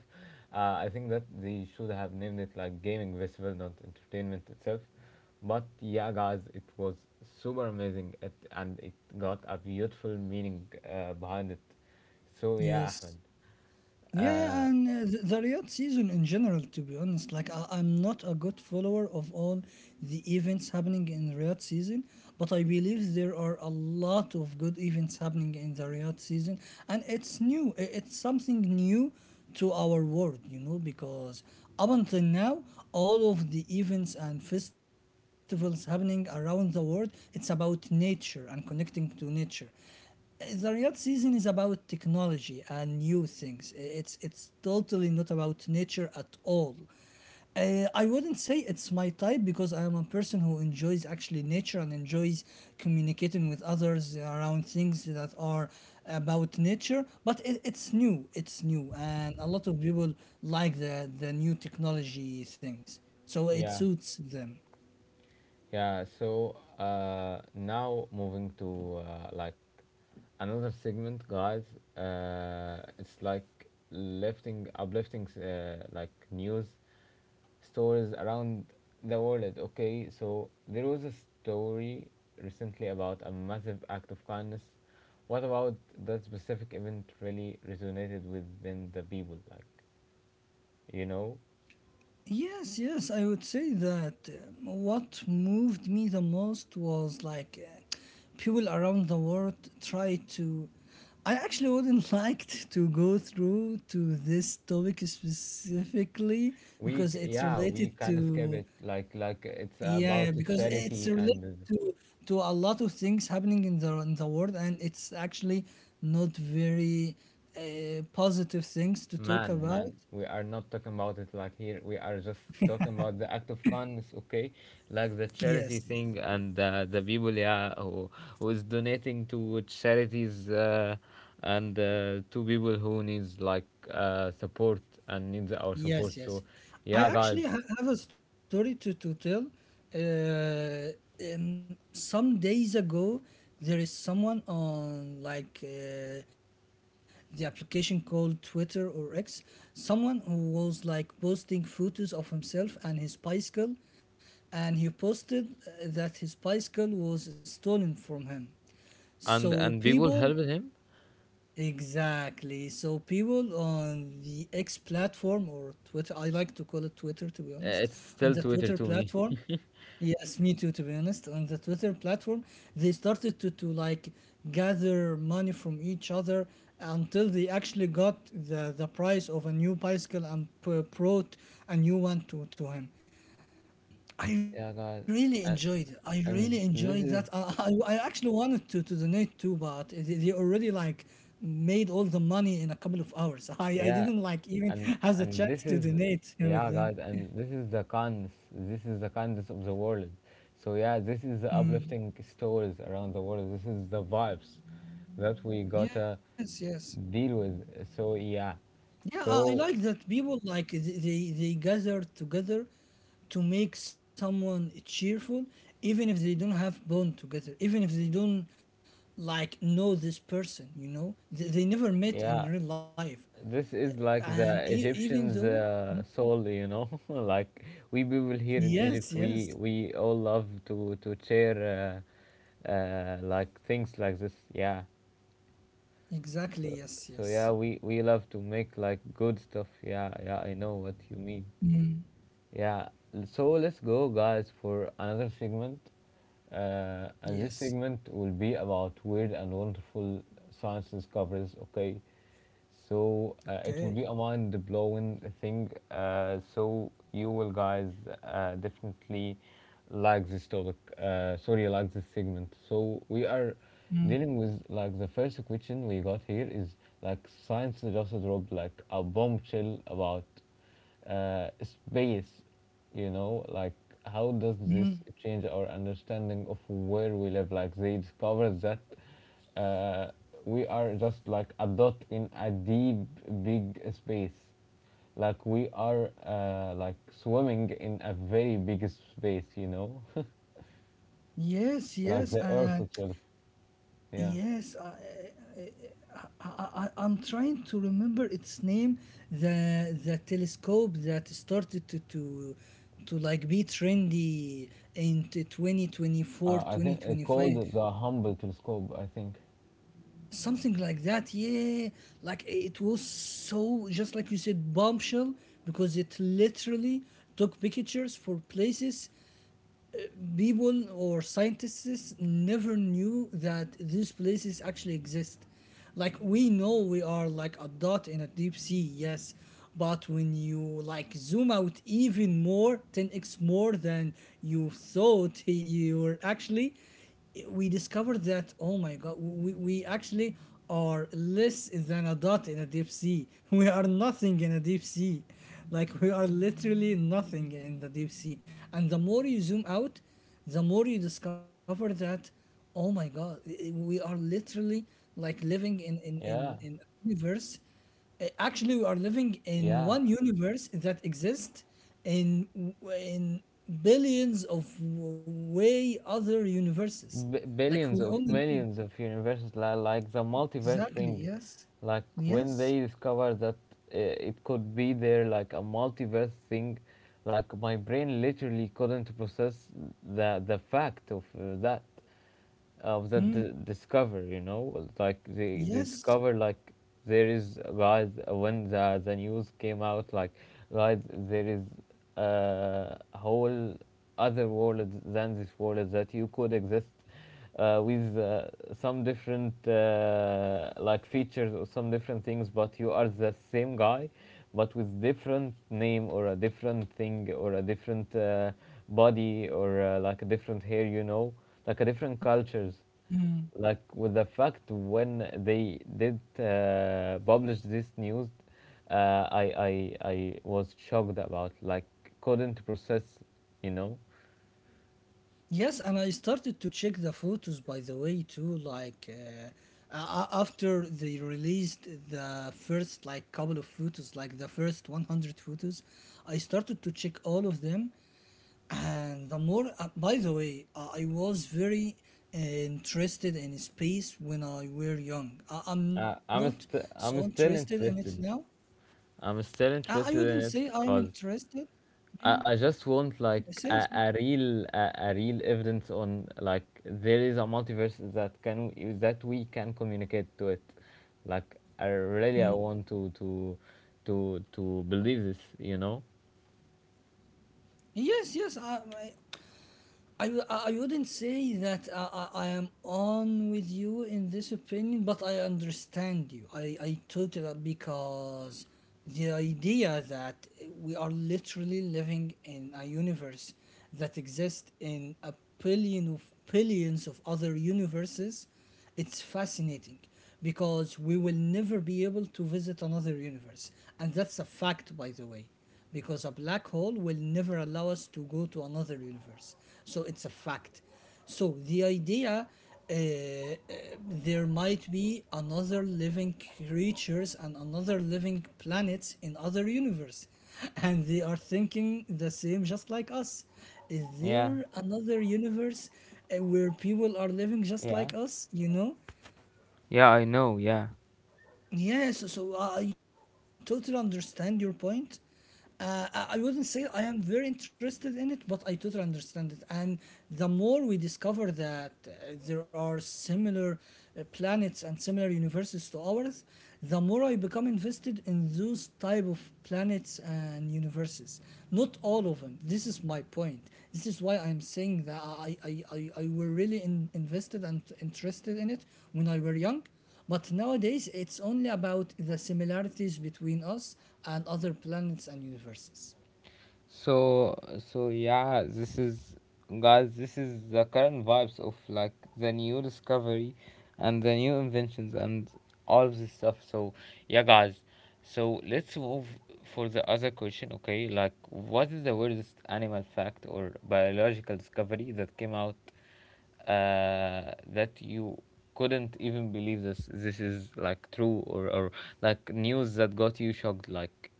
S1: Uh, I think that they should have named it like gaming festival, not entertainment itself. But yeah, guys, it was super amazing it, and it got a beautiful meaning behind it. So yeah,
S2: Yes.
S1: Ahmed.
S2: Yeah,
S1: uh,
S2: and the Riyadh season in general, to be honest, like I'm not a good follower of all the events happening in the Riyadh season, but I believe there are a lot of good events happening in the Riyadh season, and it's new. It's something new to our world, you know, because up until now, all of the events and festivals happening around the world, it's about nature and connecting to nature. The Riyadh season is about technology and new things. It's totally not about nature at all. I wouldn't say it's my type because I am a person who enjoys actually nature and enjoys communicating with others around things that are about nature. But it, it's new, and a lot of people like the new technology things, so it
S1: yeah.
S2: suits them.
S1: Yeah, so now moving to like another segment, guys. It's like uplifting, like news stories around the world. Okay, so there was a story recently about a massive act of kindness. What about that specific event really resonated within the people? Like, you know?
S2: Yes, yes, I would say that what moved me the most was like people around the world try to. I actually wouldn't (laughs) like to go through to this topic specifically because it's
S1: Yeah, we
S2: related
S1: can skip
S2: to.
S1: it. Like it's about
S2: Yeah,
S1: the
S2: because it's
S1: charity
S2: related
S1: and
S2: to to a lot of things happening in the world, and it's actually not very positive things to talk
S1: man,
S2: about.
S1: man, we are not talking about it like here. We are just talking about the act of kindness, okay? Like the
S2: Yes,
S1: charity
S2: yes.
S1: thing and the people, yeah, who is donating to charities, and to people who needs like support and needs our support.
S2: Yes, yes.
S1: So
S2: I
S1: yeah, guys,
S2: actually ha have a story to tell. Uh, some days ago, there is someone on like the application called Twitter or X, someone who was like posting photos of himself and his bicycle, and he posted that his bicycle was stolen from him. So
S1: and people
S2: people.
S1: help him.
S2: Exactly. So people on the X platform or Twitter, I like to call it Twitter, to be
S1: It's
S2: honest, on
S1: still
S2: the
S1: Twitter
S2: Twitter
S1: to me.
S2: platform, yes, me too, to be honest, on the Twitter platform, they started to like gather money from each other until they actually got the price of a new bicycle and brought a new one to him.
S1: Yeah,
S2: I
S1: guys,
S2: really
S1: and,
S2: enjoyed it. I really
S1: and this
S2: enjoyed
S1: is.
S2: that. I actually wanted to donate too, but they already like made all the money in a couple of hours. I,
S1: Yeah,
S2: I didn't like even
S1: and
S2: have the
S1: this is
S2: chance to
S1: yeah,
S2: donate
S1: guys,
S2: with
S1: and
S2: them.
S1: this is the kindness. This is the kindness of the world. So yeah, this is the uplifting stories around the world. This is the vibes that we gotta
S2: Yes, yes.
S1: deal with. So yeah,
S2: Yeah, I
S1: so
S2: like that people like they gather together to make someone cheerful, even if they don't have bond together, even if they don't like know this person, they never met in real
S1: yeah,
S2: life.
S1: this is
S2: And
S1: like the
S2: even though,
S1: Egyptians' soul, you know. (laughs) Like, we people here in
S2: yes,
S1: Egypt,
S2: yes,
S1: we all love to share like things like this. Yeah.
S2: exactly,
S1: So
S2: yes,
S1: so
S2: yes.
S1: yeah, we love to make like good stuff. Yeah, yeah, I know what you mean.
S2: Mm,
S1: Yeah. So let's go guys for another segment. And
S2: yes.
S1: this segment will be about weird and wonderful science discoveries, okay? So
S2: Okay.
S1: it will be a mind blowing thing. So you will guys definitely like this topic. Sorry, like this segment. So we are
S2: Mm,
S1: dealing with like the first question we got here is like science just dropped like a bombshell about space. You know, like how does
S2: mm.
S1: this change our understanding of where we live? Like they discovered that uh, we are just like a dot in a deep big space like we are like swimming in a very big space (laughs)
S2: Yes,
S1: like
S2: yes.
S1: the earth
S2: And
S1: itself, yeah.
S2: yes, I'm trying to remember its name. The telescope that started to like be trendy in 2024,
S1: I
S2: twenty
S1: think it
S2: twenty five.
S1: called the humble telescope, I think.
S2: Something like that, yeah. Like it was so just like you said, bombshell, because it literally took pictures for places people or scientists never knew that these places actually exist. Like we know we are like a dot in a deep sea, yes, but when you like zoom out even more, 10x more than you thought, (laughs) you were actually, we discovered that, oh my god, we actually are less than a dot in a deep sea. (laughs) We are nothing in a deep sea. Like we are literally nothing in the deep sea, and the more you zoom out, the more you discover that, oh my god, we are literally like living in in in,
S1: Yeah,
S2: in a universe. Actually, we are living in
S1: yeah.
S2: one universe that exists in in billions of way other universes.
S1: b-
S2: Like we
S1: billions of
S2: only living,
S1: millions of universes, like the multiverse
S2: exactly,
S1: thing.
S2: yes,
S1: Like when
S2: yes,
S1: they discovered that it could be there, like a multiverse thing, like my brain literally couldn't process the fact of that of the
S2: mm,
S1: discover, like they
S2: yes.
S1: discover like there is, guys, when the news came out, like guys, there is a whole other world than this world that you could exist with some different like features or some different things, but you are the same guy but with different name or a different thing or a different body or like a different hair, you know, like a different cultures.
S2: Mm.
S1: Like with the fact when they did publish this news, I was shocked about like couldn't process, you know.
S2: Yes, and I started to check the photos, by the way, too. Like after they released the first like couple of photos, like the first 100 photos, I started to check all of them. And the more, by the way, I was very interested in space when I were young. I, I'm not so
S1: I'm still
S2: interested in it
S1: interested.
S2: now.
S1: I'm still
S2: I
S1: interested in
S2: wouldn't
S1: it
S2: say I'm
S1: because
S2: interested.
S1: I just want like
S2: Say,
S1: a,
S2: say.
S1: a real a real evidence on like there is a multiverse that can that we can communicate to it. Like I really I want to believe this, you know.
S2: Yes, yes. I I wouldn't say that I am on with you in this opinion, but I understand you. I totally, because the idea that we are literally living in a universe that exists in a billion of billions of other universes, it's fascinating, because we will never be able to visit another universe. And that's a fact, by the way, because a black hole will never allow us to go to another universe. So it's a fact. So the idea, uh, uh, there might be another living creatures and another living planets in other universe, and they are thinking the same just like us. Is
S1: Yeah,
S2: there another universe where people are living just
S1: yeah.
S2: like us, you know?
S1: Yeah, I know. Yeah.
S2: Yes, so I totally understand your point. I I wouldn't say I am very interested in it, but I totally understand it. And the more we discover that there are similar planets and similar universes to ours, the more I become invested in those type of planets and universes. Not all of them. This is my point. This is why I'm saying that I were really invested and interested in it when I were young, but nowadays, it's only about the similarities between us and other planets and universes.
S1: So so yeah, this is, guys, this is the current vibes of like the new discovery and the new inventions and all of this stuff. So yeah, guys. So let's move for the other question, okay? Like what is the weirdest animal fact or biological discovery that came out that you couldn't even believe this this is like true, or like news that got you shocked. Like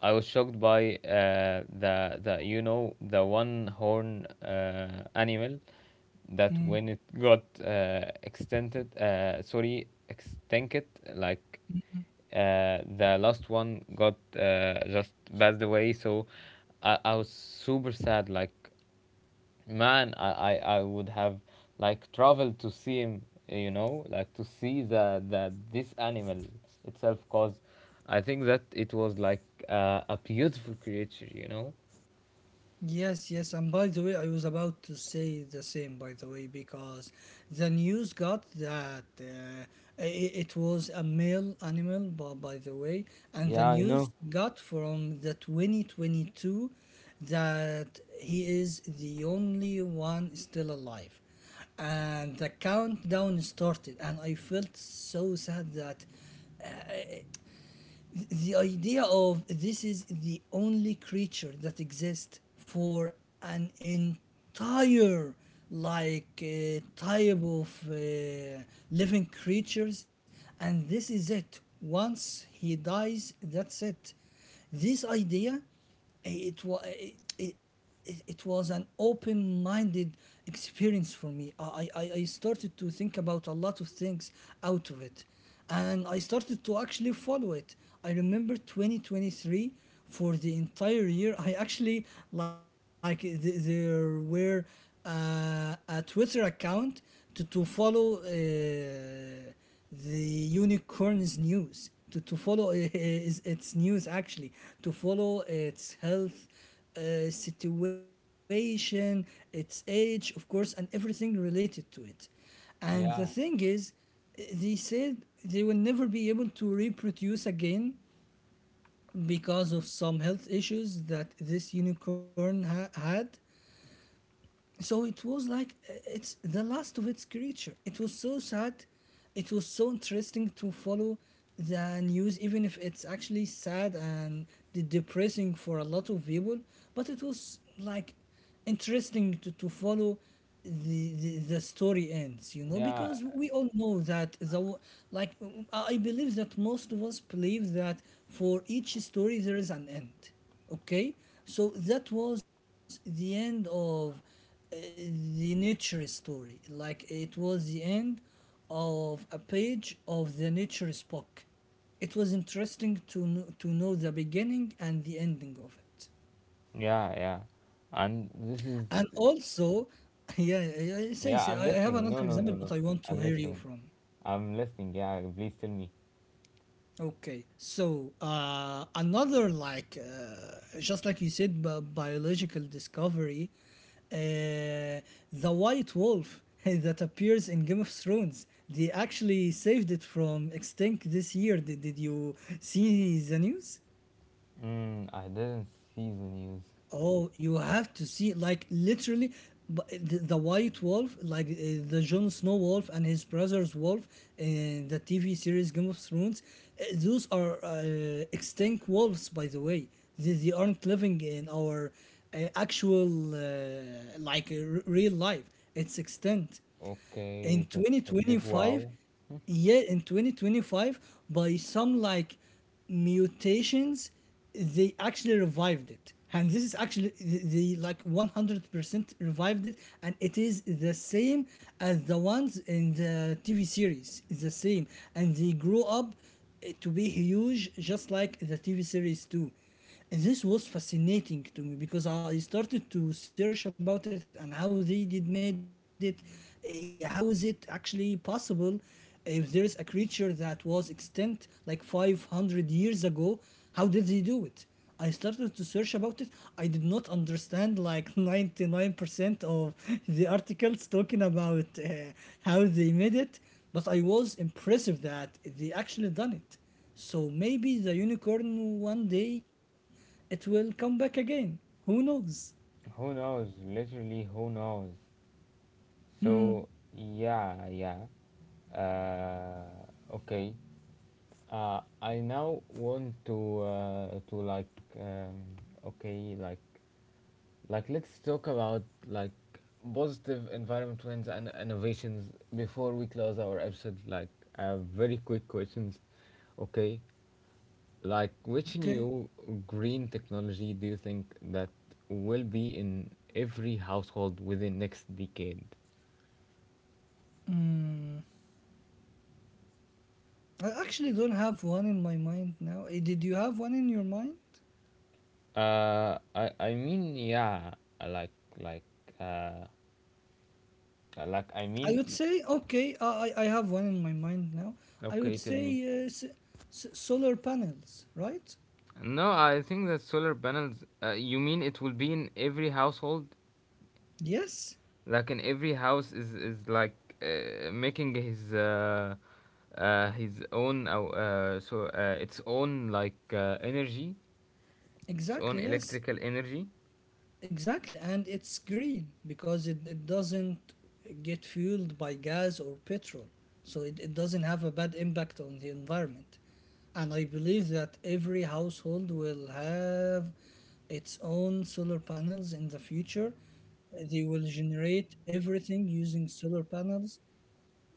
S1: I was shocked by the you know the one horn animal that when it got extended, sorry, extincted, like the last one got just passed away. So I was super sad. Like, man, I would have like traveled to see him, you know, like to see the this animal itself, cause I think that it was like a beautiful creature, you know.
S2: Yes, yes, and by the way, I was about to say the same, by the way, because the news got that it was a male animal, but by the way, and the
S1: Yeah, I
S2: news
S1: know.
S2: got from the 2022 that he is the only one still alive, and the countdown started, and I felt so sad that the idea of, this is the only creature that exists for an entire like type of living creatures, and this is it. Once he dies, that's it. This idea, it was an open-minded experience for me. I started to think about a lot of things out of it, and I started to actually follow it. I remember 2023, for the entire year, I actually like there were a twitter account to follow the unicorns news, to follow is its news actually, to follow its health situation, its age, of course, and everything related to it. And the thing
S1: Yeah,
S2: is, they said they will never be able to reproduce again because of some health issues that this unicorn had. So it was like it's the last of its creature. It was so sad. It was so interesting to follow the news, even if it's actually sad and depressing for a lot of people. But it was like interesting to follow the story ends, you know,
S1: yeah,
S2: because we all know that like I believe that most of us believe that for each story there is an end, okay. So that was the end of uh, the nature story. Like it was the end of a page of the nature's book. It was interesting to know the beginning and the ending of it.
S1: yeah, yeah, and this is
S2: And also, (laughs) yeah, yeah, yeah, say
S1: yeah,
S2: say,
S1: I'm
S2: I have
S1: listening. No,
S2: another
S1: no, no,
S2: example,
S1: no,
S2: but I want to
S1: I'm
S2: hear you
S1: listening.
S2: from.
S1: I'm listening. Yeah, please tell me.
S2: Okay, so another like just like you said, biological discovery, uh, the white wolf (laughs) that appears in Game of Thrones. They actually saved it from extinct this year. Did you see the news?
S1: Mm, I didn't see the news.
S2: Oh, you have to see, like, literally the White Wolf, like the Jon Snow wolf and his brother's wolf in the TV series Game of Thrones. Those are extinct wolves, by the way. They aren't living in our actual like real life. It's extinct in
S1: Okay, that's a big
S2: 2025,
S1: wow.
S2: yeah, in 2025, by some like mutations they actually revived it. And this is actually they, like, 100% revived it, and it is the same as the ones in the tv series. It's the same. And they grow up, to be huge just like the tv series too. And this was fascinating to me, because I started to search about it and how they did made it. How is it actually possible, if there is a creature that was extinct like 500 years ago? How did they do it? I started to search about it. I did not understand like (laughs) 99% of the articles talking about how they made it, but I was impressive that they actually done it. So maybe the unicorn one day it will come back again. Who knows?
S1: Who knows? Literally who knows. So yeah, yeah. Okay. I now want to like um, okay, like let's talk about like positive environment trends and innovations before we close our episode. Like very quick questions. Okay, like which
S2: Okay.
S1: new green technology do you think that will be in every household within next decade?
S2: Mm, I actually don't have one in my mind now. Eh, did you have one in your mind?
S1: I mean, yeah, I like uh, I like, I
S2: I
S1: mean,
S2: would say, okay, I have one in my mind now. I
S1: okay,
S2: would
S1: tell
S2: say
S1: me.
S2: uh, s solar panels, right?
S1: No, I think that solar panels. You mean it will be in every household?
S2: Yes,
S1: Like in every house is like making his own its own like energy, its own
S2: exactly. Yes.
S1: electrical energy.
S2: Exactly, and it's green because it doesn't get fueled by gas or petrol. So it doesn't have a bad impact on the environment. And I believe that every household will have its own solar panels in the future. They will generate everything using solar panels,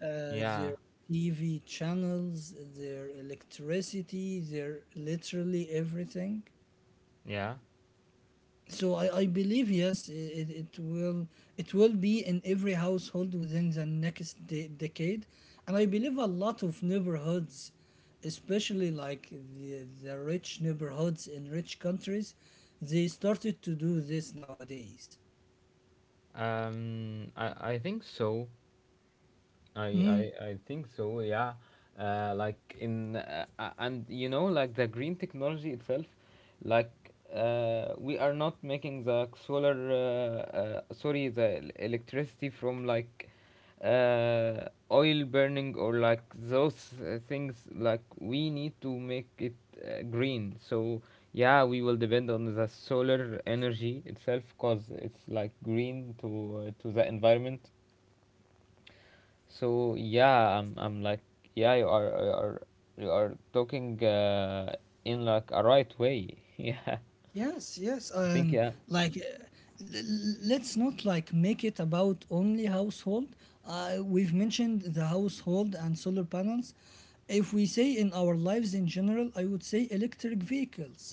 S1: Yeah,
S2: their TV channels, their electricity, their literally everything.
S1: yeah.
S2: So I believe, yes, it will, it will be in every household within the next decade. And I believe a lot of neighborhoods, especially like the rich neighborhoods in rich countries, they started to do this nowadays.
S1: I think so. I,
S2: Mm-hmm.
S1: I I think so. Yeah, like in and you know like the green technology itself, like we are not making the solar sorry, the electricity from like oil burning or like those things. Like we need to make it green. So yeah, we will depend on the solar energy itself because it's like green to the environment. So yeah, I'm like yeah, you are, you are, you are talking in like a right way. (laughs) Yeah,
S2: Yes, yes,
S1: I think
S2: and
S1: yeah.
S2: like let's not like make it about only household. We've mentioned the household and solar panels. If we say in our lives in general, I would say electric vehicles,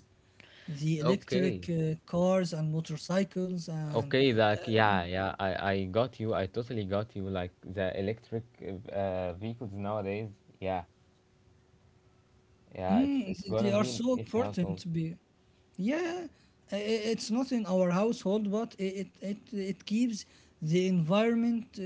S2: the
S1: Okay.
S2: electric cars and motorcycles and,
S1: Okay, like yeah, yeah, I got you. I totally got you. Like the electric vehicles nowadays, yeah. Yeah,
S2: mm,
S1: it's
S2: they
S1: gonna
S2: are
S1: be in
S2: so
S1: each
S2: important
S1: household.
S2: to be. Yeah, it's not in our household, but it it keeps the environment uh,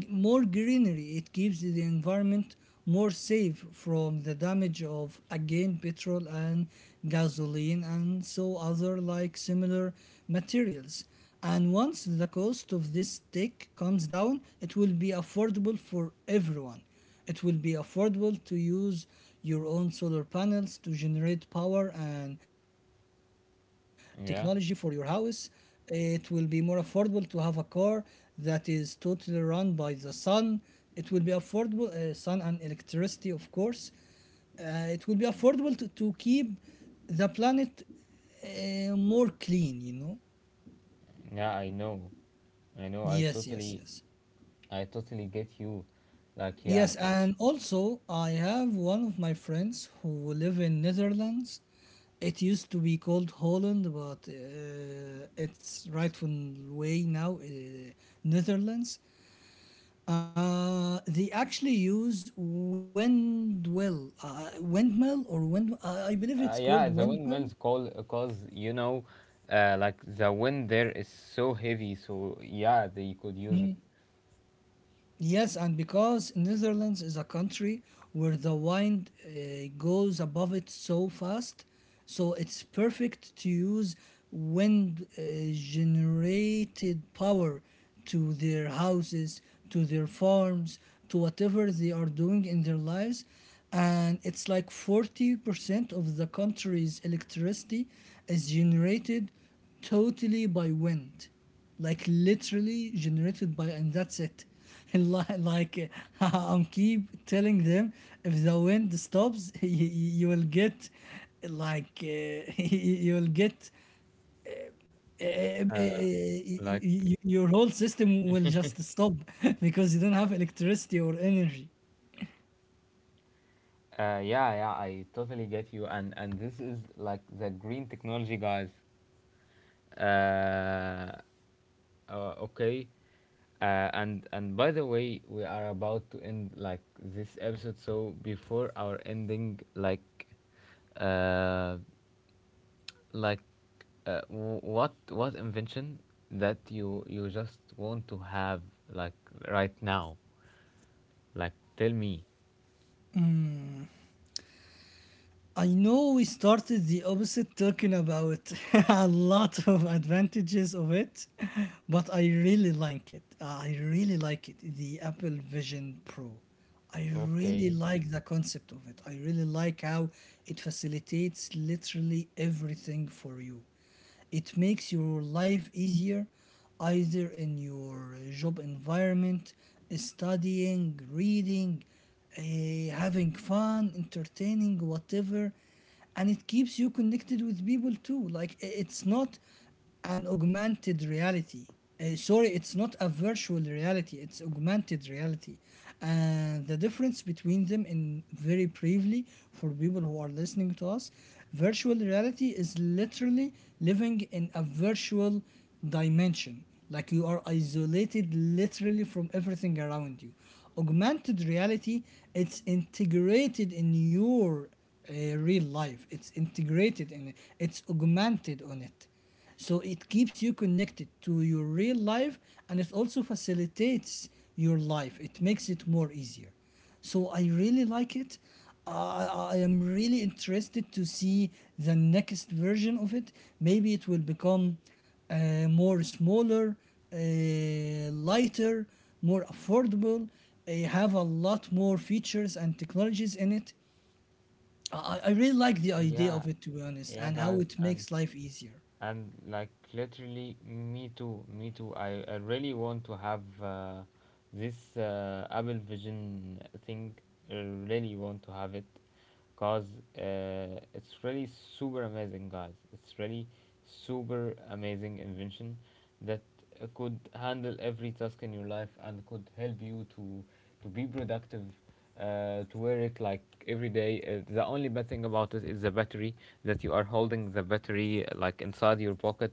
S2: g- more greenery. It keeps the environment more safe from the damage of, again, petrol and gasoline and so other like similar materials. And once the cost of this tech comes down, it will be affordable for everyone. It will be affordable to use your own solar panels to generate power and technology for your house.
S1: Yeah.
S2: It will be more affordable to have a car that is totally run by the sun. It will be affordable, sun and electricity, of course. It will be affordable to keep the planet more clean, you know?
S1: Yeah, I know. I know.
S2: Yes, yes, yes.
S1: I totally get you. Like yeah.
S2: Yes, and also I have one of my friends who live in Netherlands. It used to be called Holland, but its rightful way now, Netherlands. They actually use windmill, windmill or wind. I believe it's called
S1: Yeah, the
S2: windmill.
S1: windmills call cause you know, like the wind there is so heavy, so yeah, they could use it.
S2: Yes, and because Netherlands is a country where the wind goes above it so fast, so it's perfect to use wind generated power to their houses, to their farms, to whatever they are doing in their lives. And it's like 40% of the country's electricity is generated totally by wind, like literally generated by, and that's it. (laughs) And like (laughs) I'm keep telling them, if the wind stops, (laughs) you will get like (laughs) you will get uh, uh, uh, uh,
S1: Uh, like,
S2: y- your whole system will just stop, (laughs) because you don't have electricity or energy.
S1: yeah, yeah, I totally get you, and this is like the green technology, guys. Uh, okay. And by the way, we are about to end like this episode, so before our ending, like, uh, like what what invention that you just want to have like right now, like tell me.
S2: I know we started the opposite talking about (laughs) a lot of advantages of it, but I really like it. I really like it. The Apple Vision Pro. I really
S1: Okay.
S2: like the concept of it. I really like how it facilitates literally everything for you. It makes your life easier, either in your job environment, studying, reading, having fun, entertaining, whatever. And it keeps you connected with people too. Like it's not an augmented reality. Sorry, it's not a virtual reality, it's augmented reality. And the difference between them, in very briefly, for people who are listening to us, virtual reality is literally living in a virtual dimension. Like you are isolated literally from everything around you. Augmented reality, it's integrated in your real life. It's integrated in it. It's augmented on it. So it keeps you connected to your real life, and it also facilitates your life. It makes it more easier. So I really like it. I am really interested to see the next version of it. Maybe it will become more smaller, lighter, more affordable, have a lot more features and technologies in it. I I really like the idea
S1: Yeah.
S2: of it, to be honest,
S1: Yeah,
S2: and how
S1: guys.
S2: it makes life easier.
S1: And like literally me too, me too, I really want to have this apple vision thing. I really want to have it because it's really super amazing, guys. It's really super amazing invention that could handle every task in your life and could help you to be productive, to wear it like every day. The only bad thing about it is the battery, that you are holding the battery like inside your pocket.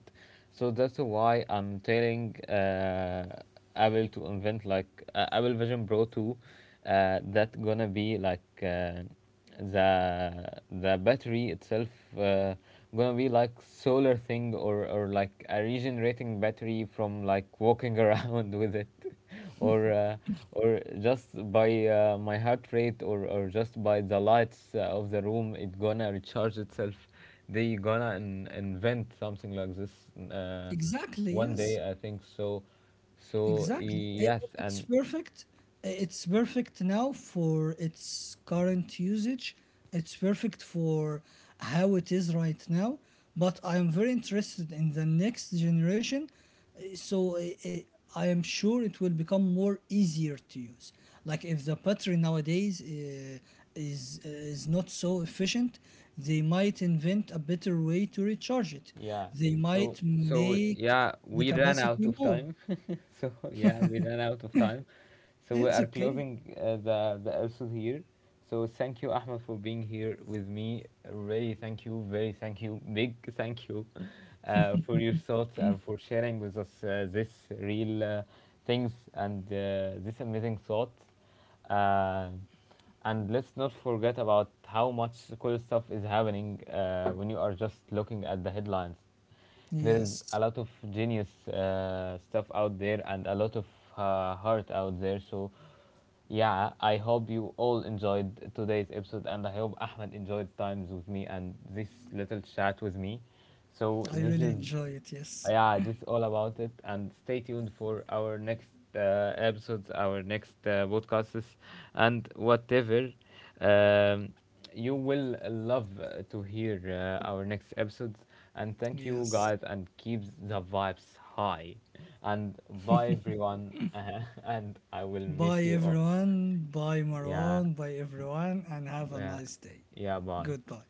S1: So that's why I'm telling Apple to invent like Apple Vision Pro 2 that gonna be like the battery itself uh, gonna be like solar thing, or like a regenerating battery from like walking around (laughs) with it. (laughs) Or or just by my heart rate, or just by the lights of the room it gonna recharge itself. They gonna invent something like this uh,
S2: Exactly,
S1: one
S2: yes.
S1: day, I think so. So
S2: Exactly. I-
S1: yes,
S2: It's
S1: and
S2: perfect. I- It's perfect now for its current usage. It's perfect for how it is right now. But I am very interested in the next generation. So I am sure it will become more easier to use. Like if the battery nowadays is not so efficient, they might invent a better way to recharge it.
S1: yeah
S2: They might
S1: so so
S2: make
S1: yeah
S2: the
S1: we ran out
S2: capacity
S1: of
S2: more.
S1: time. (laughs) So yeah, we ran out of time. So we
S2: It's
S1: are
S2: okay.
S1: closing the episode here. So thank you, Ahmed, for being here with me. Really, thank you, very thank you, big thank you for your thoughts and for sharing with us this real things and this amazing thought. Uh, and let's not forget about how much cool stuff is happening when you are just looking at the headlines. There is
S2: Yes.
S1: a lot of genius stuff out there and a lot of heart out there. So yeah, I hope you all enjoyed today's episode, and I hope Ahmed enjoyed times with me and this little chat with me.
S2: I
S1: So this
S2: really
S1: is,
S2: enjoy it. Yes.
S1: yeah, this is all about it, and stay tuned for our next episodes, our next podcasts, and whatever. Um, you will love to hear our next episodes, and thank you
S2: Yes.
S1: guys, and keep the vibes high. And bye everyone, (laughs) and I will miss
S2: Bye,
S1: you all.
S2: everyone. Bye,
S1: Yeah,
S2: Marwan. Bye, everyone. And have a
S1: yeah,
S2: nice day.
S1: yeah, boy.
S2: Goodbye.